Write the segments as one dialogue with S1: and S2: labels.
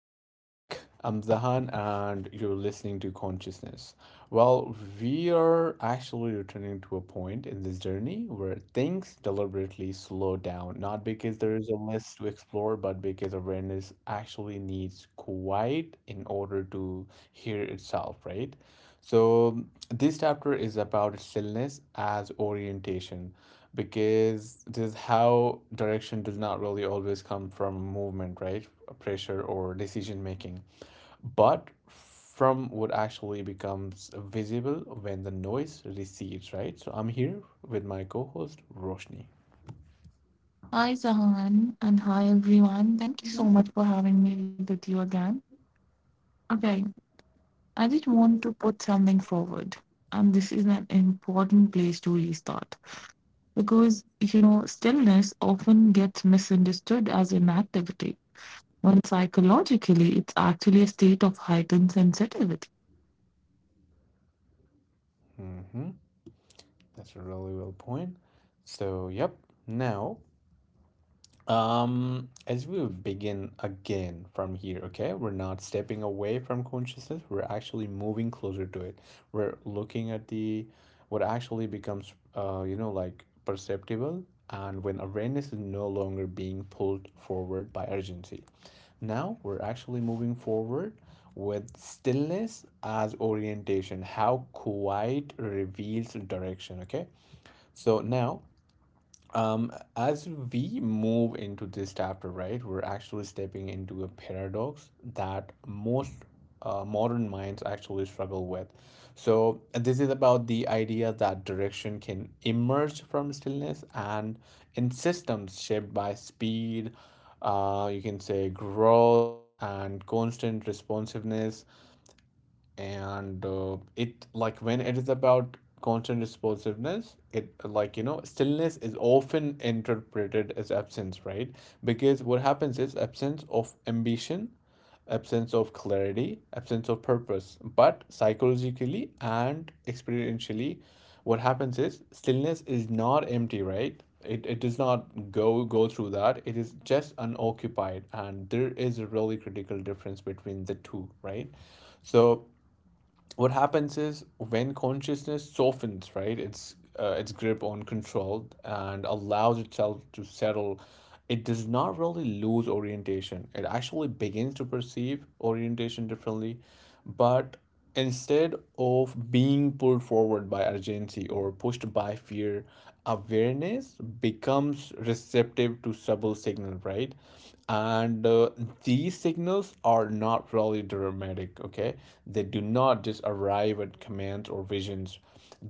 S1: welcome back. I'm Zahan and you're listening to Consciousness. Well, we are actually returning to a point in this journey where things deliberately slow down, not because there is a list to explore, but because awareness actually needs quiet in order to hear itself, right? So, this chapter is about stillness as orientation because this is how direction does not really always come from movement, right? Pressure or decision making, but from what actually becomes visible when the noise recedes, right? So, I'm here with my co host, Roshni.
S2: Hi, Zahan, and hi, everyone. Thank you so much for having me with you again. Okay, I just want to put something forward, and this is an important place to restart because, stillness often gets misunderstood as inactivity, when psychologically it's actually a state of heightened sensitivity.
S1: Hmm. That's a really well point. So, yep, now as we begin again from here, okay, we're not stepping away from consciousness, we're actually moving closer to it. We're looking at the what actually becomes, like perceptible, and when awareness is no longer being pulled forward by urgency. Now we're actually moving forward with stillness as orientation, how quiet reveals direction, okay? So now um, as we move into this chapter, right, we're actually stepping into a paradox that most modern minds actually struggle with. So, this is about the idea that direction can emerge from stillness and in systems shaped by speed, you can say growth and constant responsiveness and it like when it is about constant responsiveness it like you know stillness is often interpreted as absence, right? Because what happens is absence of ambition, absence of clarity, absence of purpose, but psychologically and experientially what happens is stillness is not empty, right? It does not go through that, it is just unoccupied, and there is a really critical difference between the two, right? So what happens is when consciousness softens, right, its grip on control and allows itself to settle, it does not really lose orientation, it actually begins to perceive orientation differently. But instead of being pulled forward by urgency or pushed by fear, awareness becomes receptive to subtle signal, right? and these signals are not really dramatic, okay? They do not just arrive at commands or visions,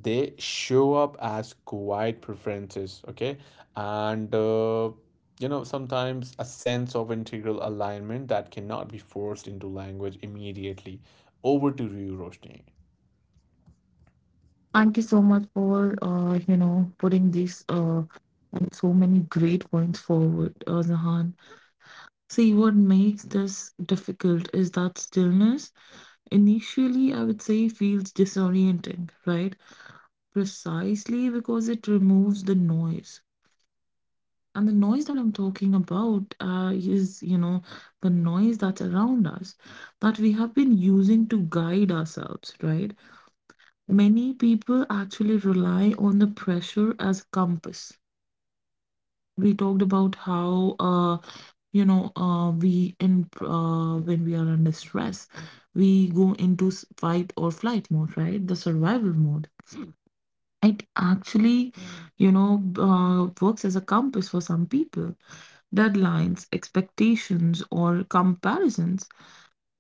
S1: they show up as quiet preferences, okay? and you know, sometimes a sense of integral alignment that cannot be forced into language immediately. Over to you, Roshni.
S2: Thank you so much for, putting these and so many great points forward, Zahan. See, what makes this difficult is that stillness initially, I would say, feels disorienting, right? Precisely because it removes the noise. And the noise that I'm talking about is, the noise that's around us that we have been using to guide ourselves, right? Many people actually rely on the pressure as a compass. We talked about how, we, in when we are under stress, we go into fight or flight mode, right? The survival mode, it actually, works as a compass for some people. Deadlines, expectations, or comparisons,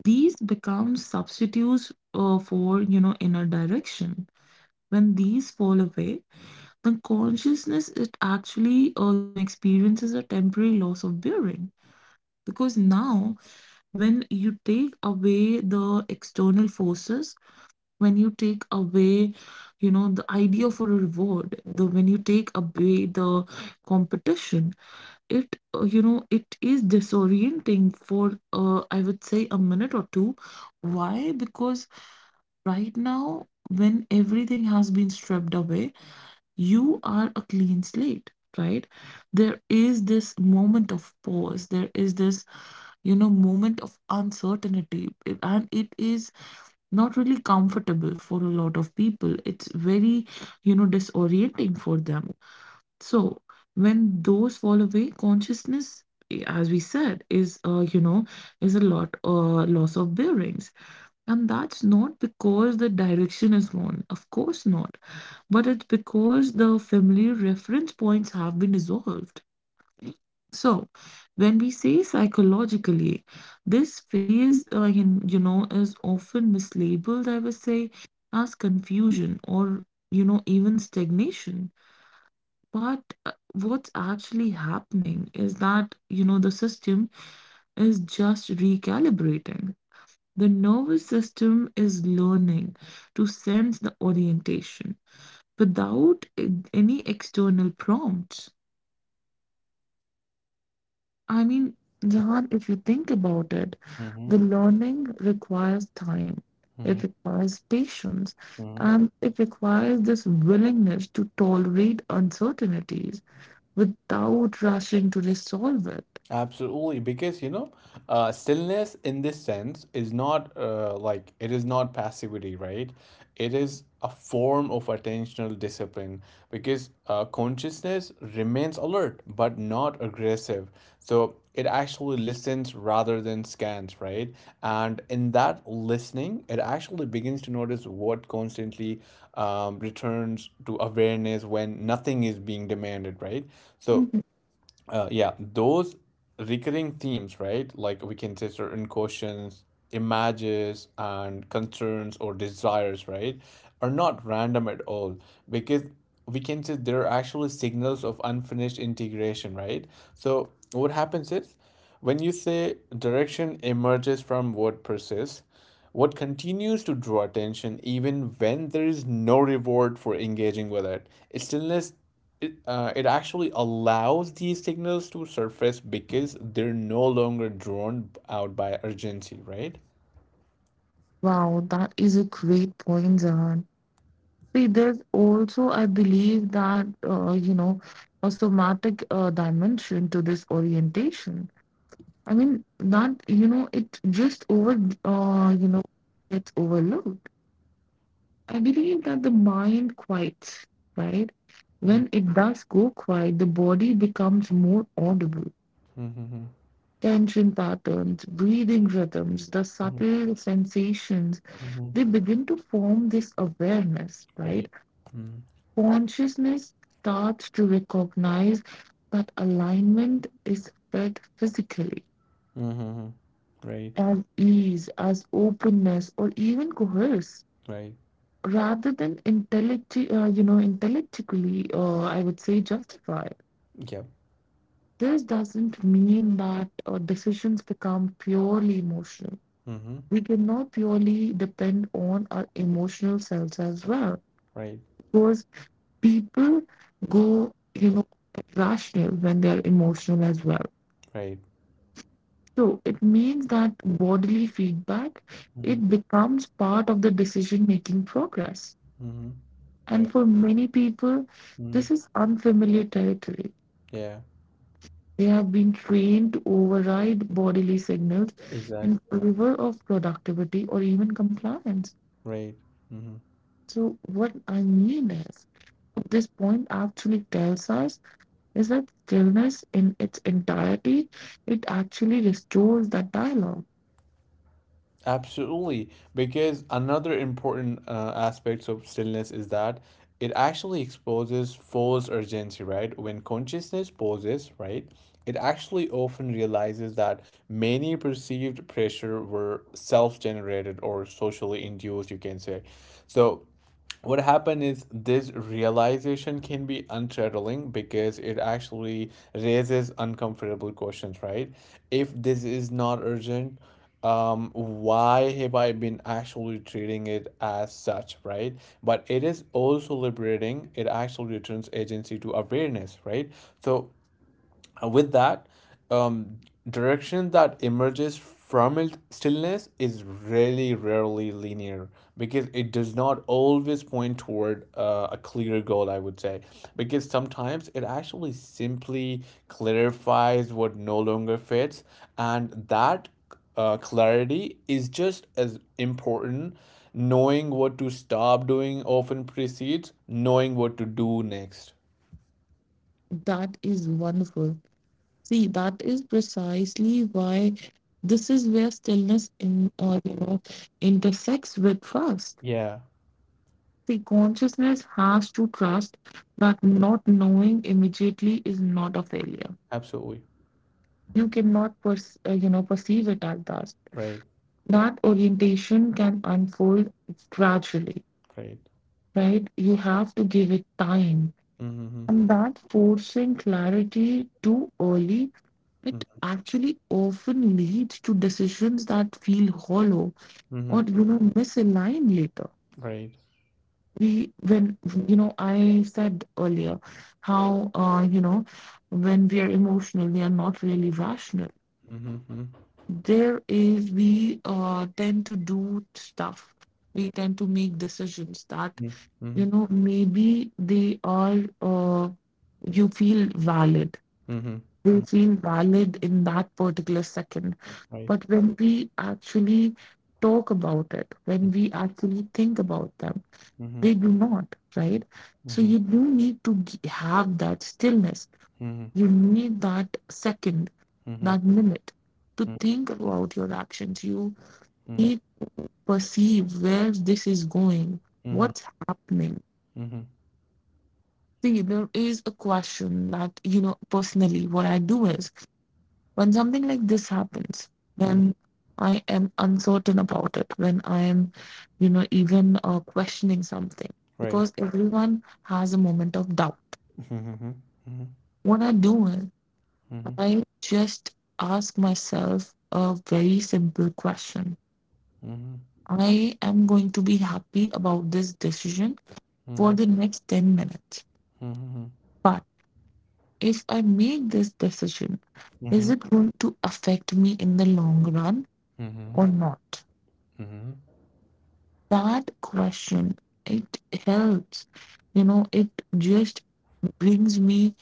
S2: these become substitutes for, inner direction. When these fall away, the consciousness, it actually, experiences a temporary loss of bearing, because now, when you take away the external forces, when you take away, the idea for a reward, the when you take away the competition, it you know it is disorienting for, I would say, a minute or two. Why? Because right now, when everything has been stripped away, you are a clean slate, right? There is this moment of pause, there is this, moment of uncertainty, and it is not really comfortable for a lot of people. It's very, disorienting for them. So when those fall away, consciousness, as we said, is, is a lot, loss of bearings. And that's not because the direction is gone, of course not, but it's because the familiar reference points have been dissolved. So, when we say psychologically, this phase, is often mislabeled, I would say, as confusion or, even stagnation. But what's actually happening is that, the system is just recalibrating. The nervous system is learning to sense the orientation without any external prompts. I mean, Jahan, if you think about it,
S1: Mm-hmm.
S2: the learning requires time, it requires patience,
S1: Mm-hmm.
S2: and it requires this willingness to tolerate uncertainties without rushing to resolve it.
S1: Absolutely, because you know, stillness in this sense is not like it is not passivity, right? It is a form of attentional discipline because consciousness remains alert but not aggressive. So it actually listens rather than scans, right? And in that listening, it actually begins to notice what constantly returns to awareness when nothing is being demanded, right? So
S2: Mhm.
S1: yeah, those recurring themes, right? Like we can say certain questions, images, and concerns or desires, right? Are not random at all because we can say they're actually signals of unfinished integration, right? So what happens is when you say direction emerges from what persists, what continues to draw attention even when there is no reward for engaging with it. Stillness it actually allows these signals to surface because they're no longer drawn out by urgency, right?
S2: Wow, that is a great point, Jahan. See, there's also, I believe that, a somatic dimension to this orientation. I mean, that, it just over, gets overlooked. I believe that the mind quiets, right? When it does go quiet, the body becomes more audible.
S1: Mm-hmm.
S2: Tension patterns, breathing rhythms, the subtle sensations,
S1: Mm-hmm.
S2: they begin to form this awareness, right?
S1: Right.
S2: Consciousness starts to recognize that alignment is felt physically
S1: Mm-hmm. Right.
S2: as ease, as openness, or even coerce,
S1: Right.
S2: rather than intellectually, I would say, justify.
S1: Yeah.
S2: This doesn't mean that decisions become purely emotional.
S1: Mm-hmm.
S2: We cannot purely depend on our emotional selves as well,
S1: Right.
S2: because people go, rational when they are emotional as well.
S1: Right.
S2: So it means that bodily feedback,
S1: Mm-hmm.
S2: it becomes part of the decision making progress.
S1: Mm-hmm.
S2: And
S1: Right.
S2: for many people,
S1: Mm-hmm.
S2: this is unfamiliar territory.
S1: Yeah.
S2: They have been trained to override bodily signals in
S1: Exactly.
S2: favor of productivity or even compliance.
S1: Right. Mm-hmm.
S2: So, what I mean is, what this point actually tells us is that stillness in its entirety, it actually restores that dialogue.
S1: Absolutely, because another important aspect of stillness is that it actually exposes false urgency, right? When consciousness pauses, right, it actually often realizes that many perceived pressure were self-generated or socially induced, you can say. So, what happened is this realization can be unsettling because it actually raises uncomfortable questions, right? If this is not urgent, why have I been actually treating it as such, right? But it is also liberating, it actually returns agency to awareness, right? So and with that, um, direction that emerges from it stillness is really rarely linear because it does not always point toward a clear goal, I would say. Because sometimes it actually simply clarifies what no longer fits, and that clarity is just as important. Knowing what to stop doing often precedes knowing what to do next.
S2: That is wonderful. See, that is precisely why this is where stillness intersects with trust.
S1: Yeah,
S2: The consciousness has to trust that not knowing immediately is not a failure.
S1: absolutely.
S2: You cannot, perceive it as that.
S1: Right,
S2: That orientation can unfold gradually,
S1: right.
S2: right? You have to give it time,
S1: Mhm,
S2: and that forcing clarity too early, it
S1: mhm,
S2: actually often leads to decisions that feel hollow
S1: mhm,
S2: or, misaligned later.
S1: right.
S2: We When, I said earlier how, when we are emotional, we are not really rational.
S1: Mhm, mhm,
S2: There is We tend to do stuff. We tend to make decisions that,
S1: mhm, mhm,
S2: maybe, they are you feel valid
S1: mhm,
S2: you
S1: mhm,
S2: feel valid in that particular second,
S1: right.
S2: but when we actually talk about it, when we actually think about them,
S1: Mhm,
S2: they do not, right? So
S1: mhm,
S2: you do need to have that stillness.
S1: mhm, mhm,
S2: You need that second,
S1: mhm,
S2: that minute to think about your actions. You
S1: mhm,
S2: need to perceive where this is going,
S1: mhm,
S2: what's happening.
S1: mhm,
S2: See, there is a question that, personally, what I do is when something like this happens,
S1: mhm,
S2: when I am uncertain about it, when I am, even questioning something,
S1: right.
S2: because everyone has a moment of doubt.
S1: Mhm, mhm, mhm,
S2: What I do is I just ask myself a very simple question.
S1: mhm, mhm,
S2: I am going to be happy about this decision
S1: mhm,
S2: for
S1: mhm,
S2: the next 10 minutes. But if I make this decision,
S1: mhm,
S2: is
S1: mhm,
S2: it going to affect me in the long run
S1: mhm,
S2: or not?
S1: mhm, right.
S2: That question, it helps. It just brings me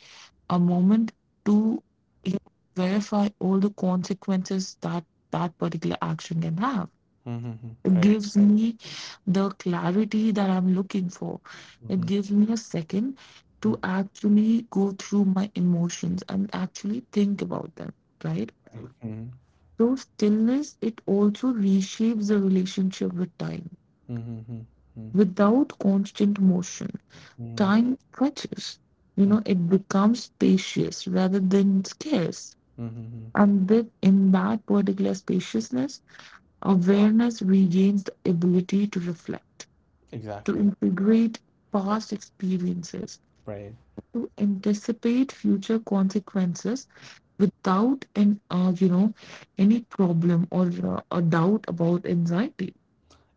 S2: a moment to, you know, verify all the consequences that that particular action can have.
S1: Mhm, mhm,
S2: It
S1: right.
S2: gives me the clarity that I'm looking for. It
S1: Mhm,
S2: gives me a second to actually go through my emotions and actually think about them, right? So, stillness, it also reshapes the relationship with time.
S1: mhm, mhm,
S2: Without constant motion,
S1: mhm,
S2: time stretches.
S1: mhm,
S2: It becomes spacious rather than scarce.
S1: mhm, mhm,
S2: And in that particular spaciousness, awareness regains the ability to reflect, to
S1: exactly.
S2: integrate past experiences,
S1: Right.
S2: to anticipate future consequences without an you know any problem or, a doubt about anxiety.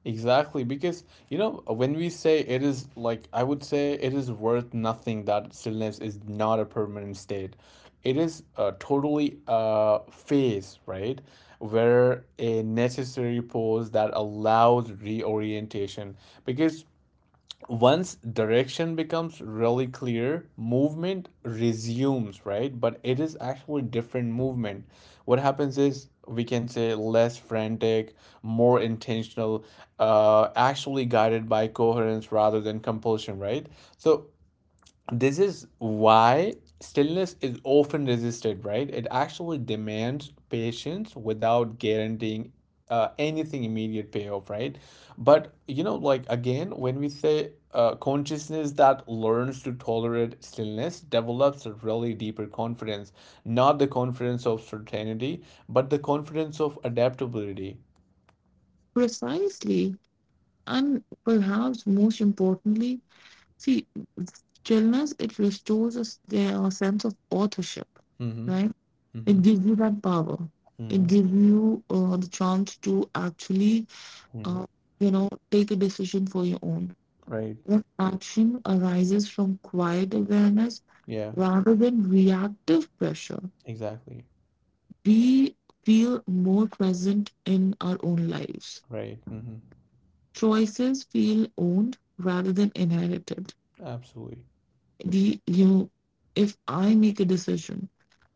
S1: Exactly, because you know when we say it is like I would say it is worth nothing that stillness is not a permanent state. It is a totally phase, right? Where a necessary pause that allows reorientation because once direction becomes really clear, movement resumes, right? But it is actually different movement. What happens is we can say less frantic, more intentional, actually guided by coherence rather than compulsion, right? So this is why stillness is often resisted, right? It actually demands patience without guaranteeing anything immediate payoff, right? But you know, like again, when we say consciousness that learns to tolerate stillness develops a really deeper confidence, not the confidence of certainty, but the confidence of adaptability.
S2: Precisely, and perhaps most importantly, see, stillness, it restores us their sense of authorship,
S1: Mm-hmm.
S2: right? It
S1: Mm-hmm.
S2: gives you that power, it
S1: Mm-hmm.
S2: gives you, the chance to actually,
S1: Mm-hmm.
S2: uh, take a decision for your own,
S1: Right.
S2: when action arises from quiet awareness
S1: Yeah.
S2: rather than reactive pressure,
S1: Exactly.
S2: we feel more present in our own lives.
S1: Right. Mm-hmm.
S2: Choices feel owned rather than inherited.
S1: Absolutely.
S2: The If I make a decision,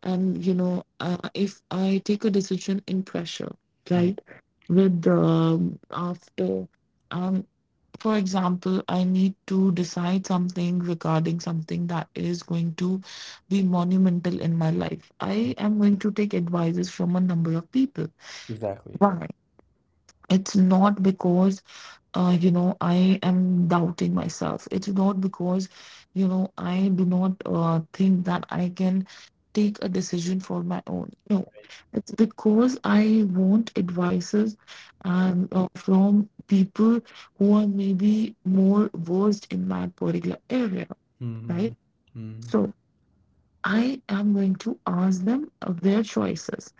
S2: and, if I take a decision in pressure,
S1: Mhm.
S2: right, with the, after. I'm For example, I need to decide something regarding something that is going to be monumental in my life. I am going to take advices from a number of people.
S1: Exactly.
S2: Why? It's not because, I am doubting myself. It's not because, I do not think that I can take a decision for my own. No, it's because I want advices and, from people who are maybe more versed in that particular area, right?
S1: Mhm. Mhm.
S2: So I am going to ask them of their choices,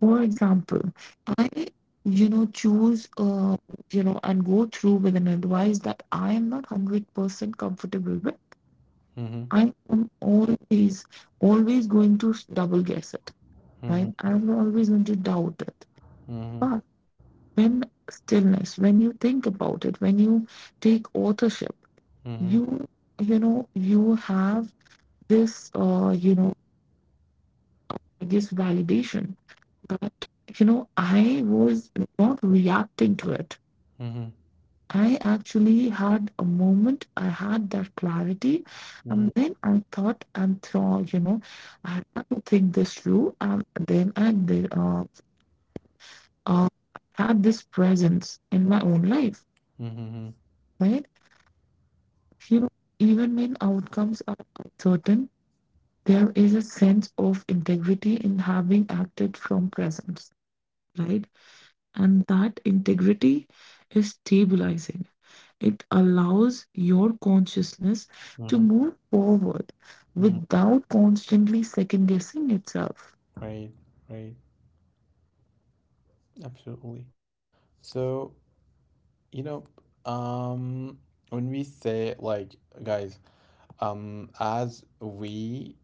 S2: for example, I, choose, and go through with an advice that I am not 100% comfortable with.
S1: Mhm.
S2: I'm always, always going to double guess it, right?
S1: Mhm.
S2: I'm always going to doubt it.
S1: Mhm.
S2: But when stillness, when you think about it, when you take authorship,
S1: Mhm.
S2: you, you have this, I guess validation that, I was not reacting to it.
S1: Mhm.
S2: I actually had a moment, I had that clarity,
S1: Mhm.
S2: and then I thought and thought, I had to think this through, and then I did, uh, had this presence in my own life,
S1: Mhm.
S2: right? You know, Even when outcomes are uncertain, there is a sense of integrity in having acted from presence, right? And that integrity is stabilizing. It allows your consciousness to
S1: Mhm.
S2: move forward
S1: Mhm.
S2: without constantly second guessing itself.
S1: Right. Right. Absolutely. So, you know, um, when we say like, guys, as we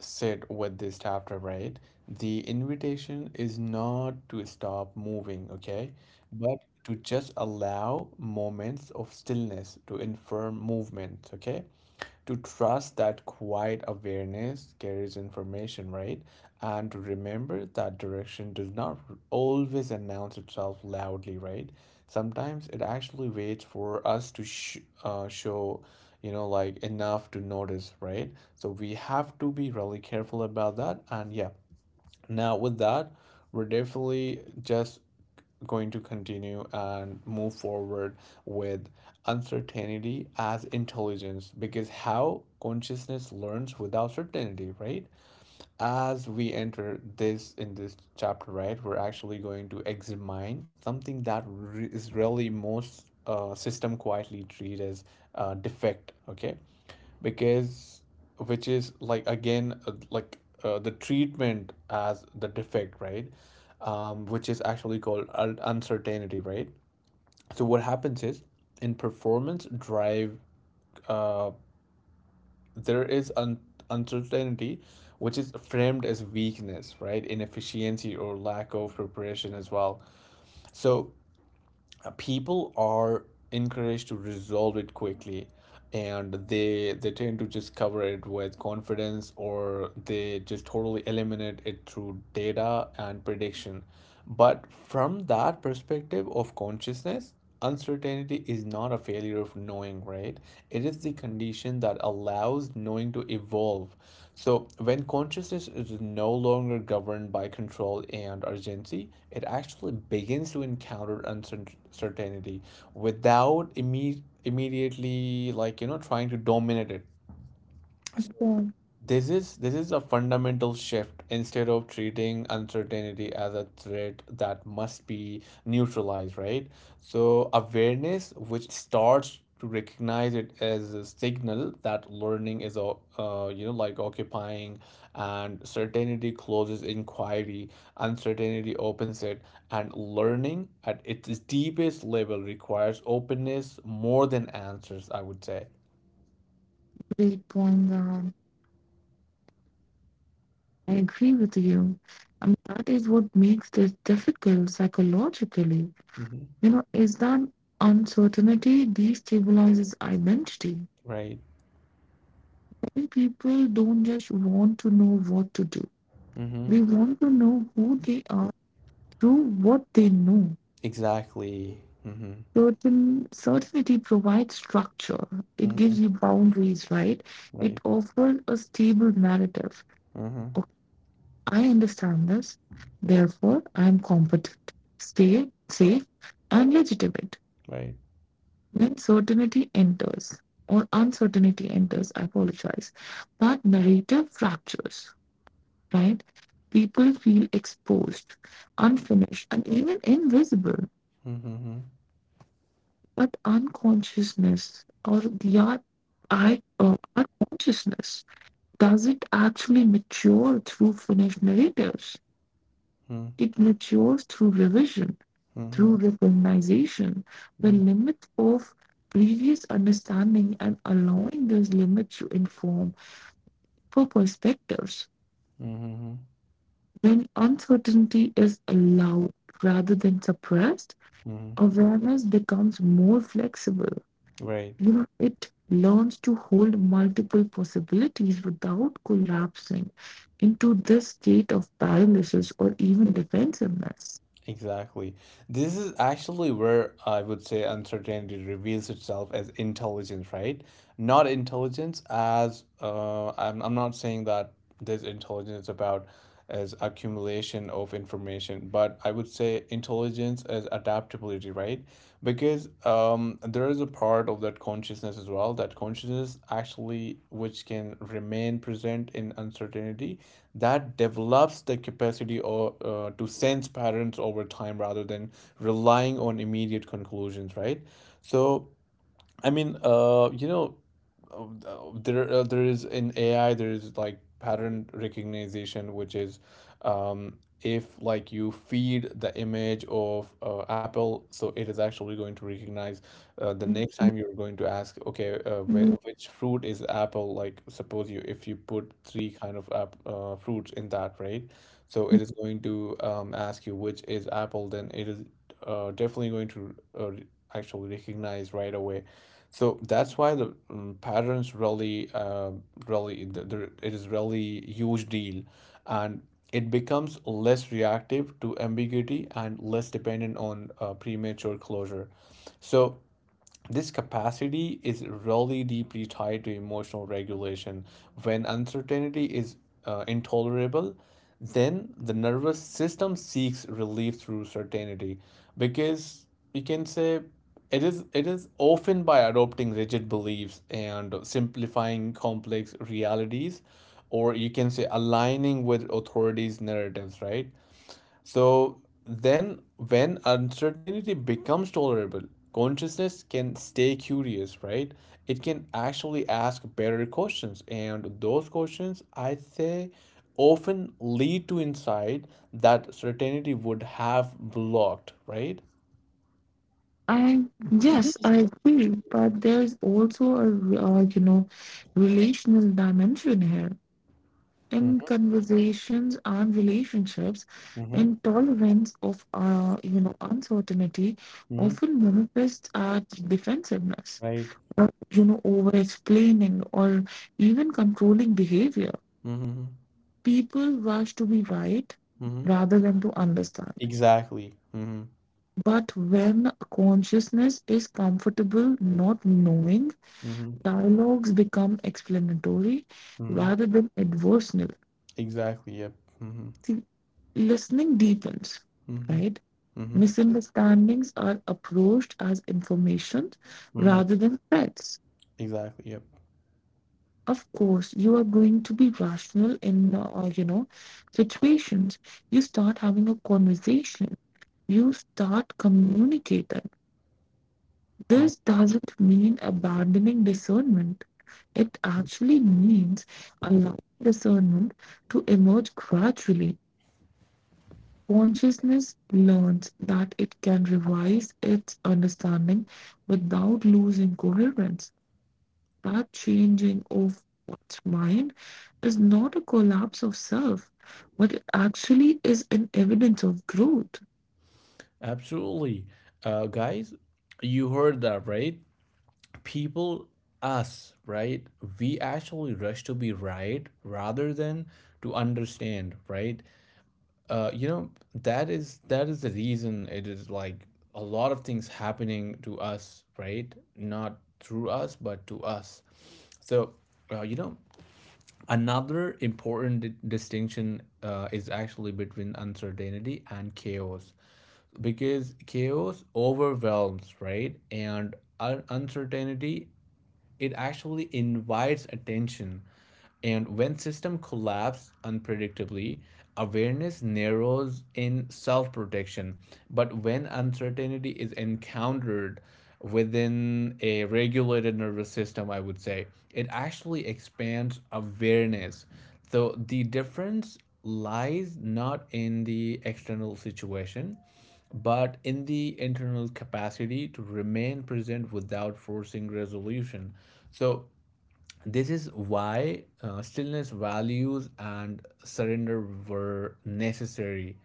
S1: said with this chapter, right, the invitation is not to stop moving, okay, but to just allow moments of stillness to inform movement, okay? To trust that quiet awareness carries information, right? And to remember that direction does not always announce itself loudly, right? Sometimes it actually waits for us to show, you know, like enough to notice, right? So we have to be really careful about that. And yeah, now, with that, we're definitely just going to continue and move forward with uncertainty as intelligence because how consciousness learns without certainty, right? As we enter this in this chapter, right, we're actually going to examine something that is really most system quietly treat as defect, okay? Because which is like again the treatment as the defect, right? Which is actually called uncertainty, right? So what happens is in performance drive, uh, there is uncertainty which is framed as weakness, right? Inefficiency or lack of preparation as well. So people are encouraged to resolve it quickly, and they tend to just cover it with confidence or they just totally eliminate it through data and prediction. But from that perspective of consciousness, uncertainty is not a failure of knowing, right? It is the condition that allows knowing to evolve. So, when consciousness is no longer governed by control and urgency, it actually begins to encounter uncertainty without immediately, like, you know, trying to dominate it.
S2: Yeah,
S1: This is a fundamental shift. Instead of treating uncertainty as a threat that must be neutralized, right? So awareness, which starts to recognize it as a signal that learning is you know, like occupying, and certainty closes inquiry, uncertainty opens it, and learning at its deepest level requires openness more than answers, I would say.
S2: great point, Gagan. I agree with you. And that is what makes this difficult psychologically.
S1: Hmm.
S2: Is that uncertainty destabilizes identity.
S1: Right?
S2: Many people don't just want to know what to do.
S1: Mm-hmm.
S2: They want to know who they are through what they know.
S1: Exactly. Mm-hmm.
S2: Certainty provides structure, it gives you
S1: Mm-hmm.
S2: boundaries, right? It
S1: Right.
S2: offers a stable narrative.
S1: Mm-hmm.
S2: Okay, I understand this, therefore I am competent, stay safe and legitimate.
S1: Right.
S2: When certainty enters, or uncertainty enters, I apologize, that narrative fractures, right? People feel exposed, unfinished, and even invisible.
S1: Mm-hmm.
S2: But unconsciousness or the art, our consciousness, does it actually mature through finished narratives?
S1: Mm-hmm.
S2: It matures through revision, through
S1: Mm-hmm.
S2: recognition, the
S1: Mm-hmm.
S2: limits of previous understanding and allowing those limits to inform for perspectives.
S1: Mm-hmm.
S2: When uncertainty is allowed rather than suppressed,
S1: Mm-hmm.
S2: awareness becomes more flexible.
S1: Right.
S2: It learns to hold multiple possibilities without collapsing into this state of paralysis or even defensiveness.
S1: Exactly. This is actually where I would say uncertainty reveals itself as intelligence, right? Not intelligence as I'm not saying that this intelligence about as accumulation of information, but I would say intelligence as adaptability, right? Because there is a part of that consciousness as well, that consciousness actually which can remain present in uncertainty that develops the capacity or to sense patterns over time rather than relying on immediate conclusions, right? So I mean, there is in AI there is like pattern recognition, which is if like you feed the image of Apple, so it is actually going to recognize the next time you're going to ask, okay,
S2: Mm.
S1: which fruit is apple? Like suppose you if you put three kind of fruits in that, right? So it is going to ask you which is apple. Then it is definitely going to actually recognize right away. So that's why the patterns really, really, it is really huge deal, and it becomes less reactive to ambiguity and less dependent on premature closure. So this capacity is really deeply tied to emotional regulation. When uncertainty is intolerable, then the nervous system seeks relief through certainty because you can say it is often by adopting rigid beliefs and simplifying complex realities, or you can say aligning with authorities narratives, right? So then, when uncertainty becomes tolerable, consciousness can stay curious, right? It can actually ask better questions, and those questions, I say, often lead to insight that certainty would have blocked, right?
S2: I Yes, I agree, but there's also a relational dimension here in conversations and relationships.
S1: Mm-hmm.
S2: Intolerance of, uncertainty
S1: Mm-hmm.
S2: often manifests as defensiveness,
S1: Right.
S2: over explaining, or even controlling behavior.
S1: Mm-hmm.
S2: People rush to be right
S1: Mm-hmm.
S2: rather than to understand.
S1: Exactly. Mm-hmm.
S2: But when consciousness is comfortable not knowing,
S1: Mm-hmm.
S2: dialogues become explanatory
S1: Mm-hmm.
S2: rather than adversarial.
S1: Exactly. Yep. Mm-hmm.
S2: See, listening deepens,
S1: Mm-hmm.
S2: right?
S1: Mm-hmm.
S2: Misunderstandings are approached as information
S1: Mm-hmm.
S2: rather than threats.
S1: Exactly. Yep.
S2: Of course you are going to be rational in, situations. You start having a conversation, you start communicating.
S1: Mm-hmm.
S2: This doesn't mean abandoning discernment, it actually means allowing discernment to emerge gradually. Consciousness learns that it can revise its understanding without losing coherence, that changing of one's mind is not a collapse of self, but it actually is an evidence of growth.
S1: Absolutely. Guys, you heard that, right? People, us, right? We actually rush to be right rather than to understand, right? That is the reason it is like a lot of things happening to us, right? Not through us, but to us. So, uh, you know, another important distinction is actually between uncertainty and chaos because chaos overwhelms, right? And uncertainty it actually invites attention. And when system collapse unpredictably, awareness narrows in self-protection. But when uncertainty is encountered within a regulated nervous system, I would say, it actually expands awareness. So the difference lies not in the external situation, but in the internal capacity to remain present without forcing resolution. So this is why stillness values and surrender were necessary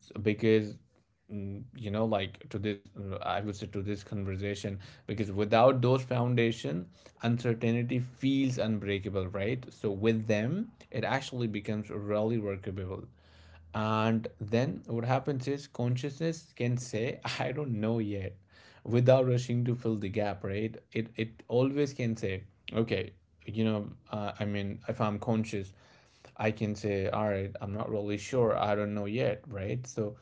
S1: because to this I would say to this conversation, because without those foundation uncertainty feels unbreakable, right? So with them it actually becomes really workable. And then what happens is consciousness can say I don't know yet without rushing to fill the gap, right? It always can say, okay, I mean, if I'm conscious, I can say, all right, I'm not really sure, I don't know yet, right? So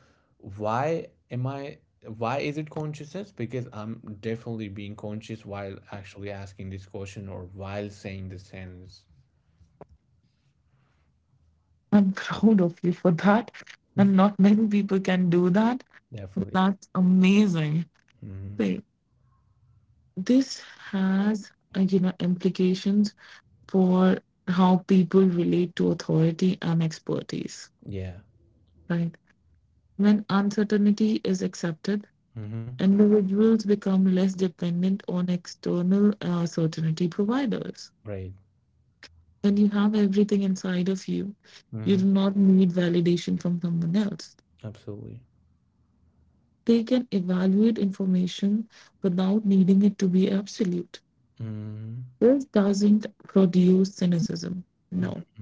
S1: why am I? Why is it consciousness? Because I'm definitely being conscious while actually asking this question or while saying the sentence.
S2: I'm proud of you for that. And not many people can do that.
S1: Definitely.
S2: That's amazing.
S1: Hmm.
S2: See, this has, implications for how people relate to authority and expertise,
S1: Yeah.
S2: right? When uncertainty is accepted,
S1: Hmm.
S2: individuals become less dependent on external certainty providers.
S1: Right.
S2: When you have everything inside of you, you
S1: Hmm.
S2: do not need validation from someone else.
S1: Absolutely.
S2: They can evaluate information without needing it to be absolute.
S1: Hmm.
S2: This doesn't produce cynicism.
S1: Hmm.
S2: No,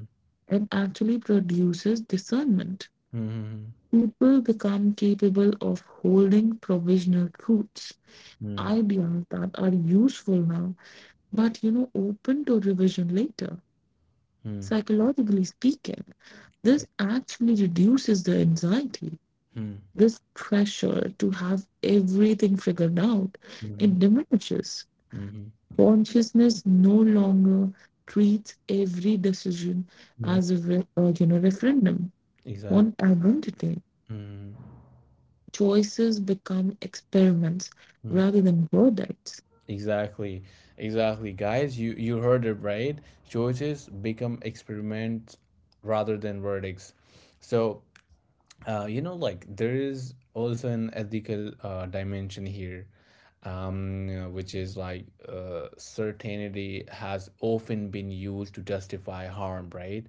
S2: it actually produces discernment.
S1: Hmm.
S2: People become capable of holding provisional truths,
S1: Hmm.
S2: ideas that are useful now but, open to revision later.
S1: Hmm.
S2: Psychologically speaking,
S1: Right.
S2: this actually reduces the anxiety.
S1: Mm.
S2: This pressure to have everything figured out,
S1: Mhm.
S2: it diminishes.
S1: Mhm.
S2: Consciousness no longer treats every decision
S1: Mhm.
S2: as a referendum
S1: Exactly.
S2: on identity.
S1: Mm.
S2: Choices become experiments
S1: Mm.
S2: rather than verdicts.
S1: Exactly. Exactly. Guys, you heard it right. Choices become experiments rather than verdicts. So there is also an ethical dimension here, which is like certainty has often been used to justify harm, right?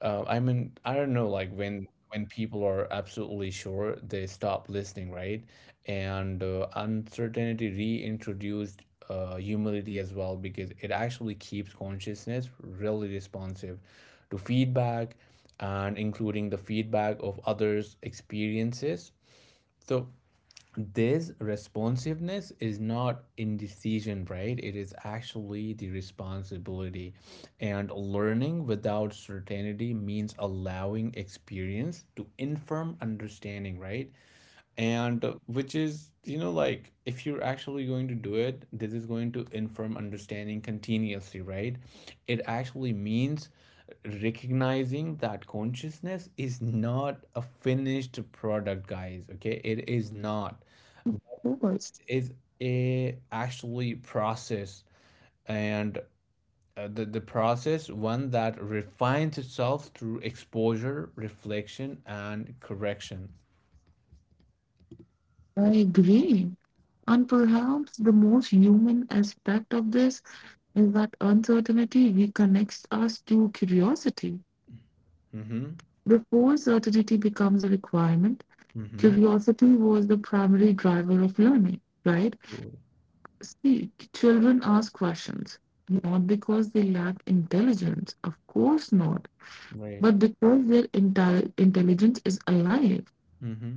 S1: I mean, I don't know, like when people are absolutely sure they stop listening, right? And uncertainty reintroduced humility as well, because it actually keeps consciousness really responsive to feedback, and including the feedback of others experiences. So this responsiveness is not indecision, right? It is actually the responsibility. And learning without certainty means allowing experience to inform understanding, right? And which is, you know, like if you're actually going to do it, this is going to inform understanding continuously, right? It actually means recognizing that consciousness is not a finished product, guys. Okay, it is not. It's a actually process. And the process one that refines itself through exposure reflection and correction.
S2: I agree. And perhaps the most human aspect of this is that uncertainty reconnects us to curiosity.
S1: Mm-hmm.
S2: Before certainty becomes a requirement,
S1: Mm-hmm.
S2: curiosity was the primary driver of learning, right? See, children ask questions, not because they lack intelligence, of course not,
S1: Right.
S2: but because their entire intelligence is alive.
S1: Mm-hmm.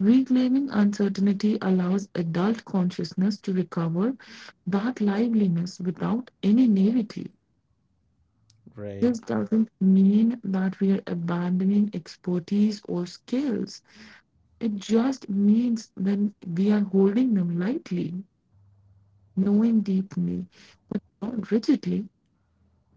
S2: Reclaiming uncertainty allows adult consciousness to recover that liveliness without any naivety.
S1: Great.
S2: This doesn't mean that we are abandoning expertise or skills. It just means that we are holding them lightly, knowing deeply, not rigidly,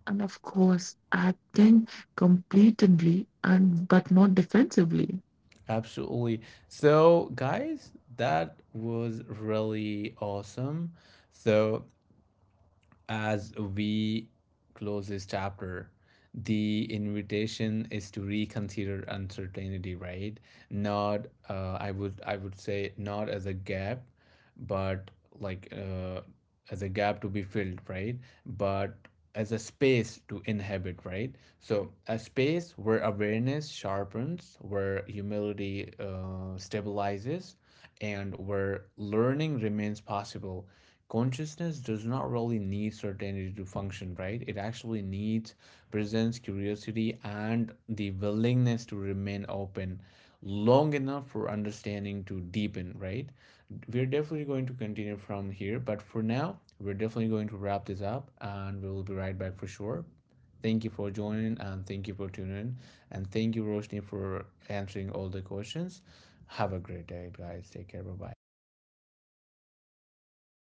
S2: and of course, acting completely and but not defensively.
S1: Absolutely. So, guys, that was really awesome. So, as we close this chapter, the invitation is to reconsider uncertainty, right? Not, I would say, not as a gap, but like as a gap to be filled, right? But as a space to inhabit, right? So a space where awareness sharpens, where humility stabilizes, and where learning remains possible. Consciousness does not really need certainty to function, right? It actually needs presence, curiosity, and the willingness to remain open long enough for understanding to deepen, right? We're definitely going to continue from here, but for now, we're definitely going to wrap this up and we will be right back for sure. Thank you for joining and thank you for tuning in. And thank you, Roshni, for answering all the questions. Have a great day, guys. Take care. Bye bye.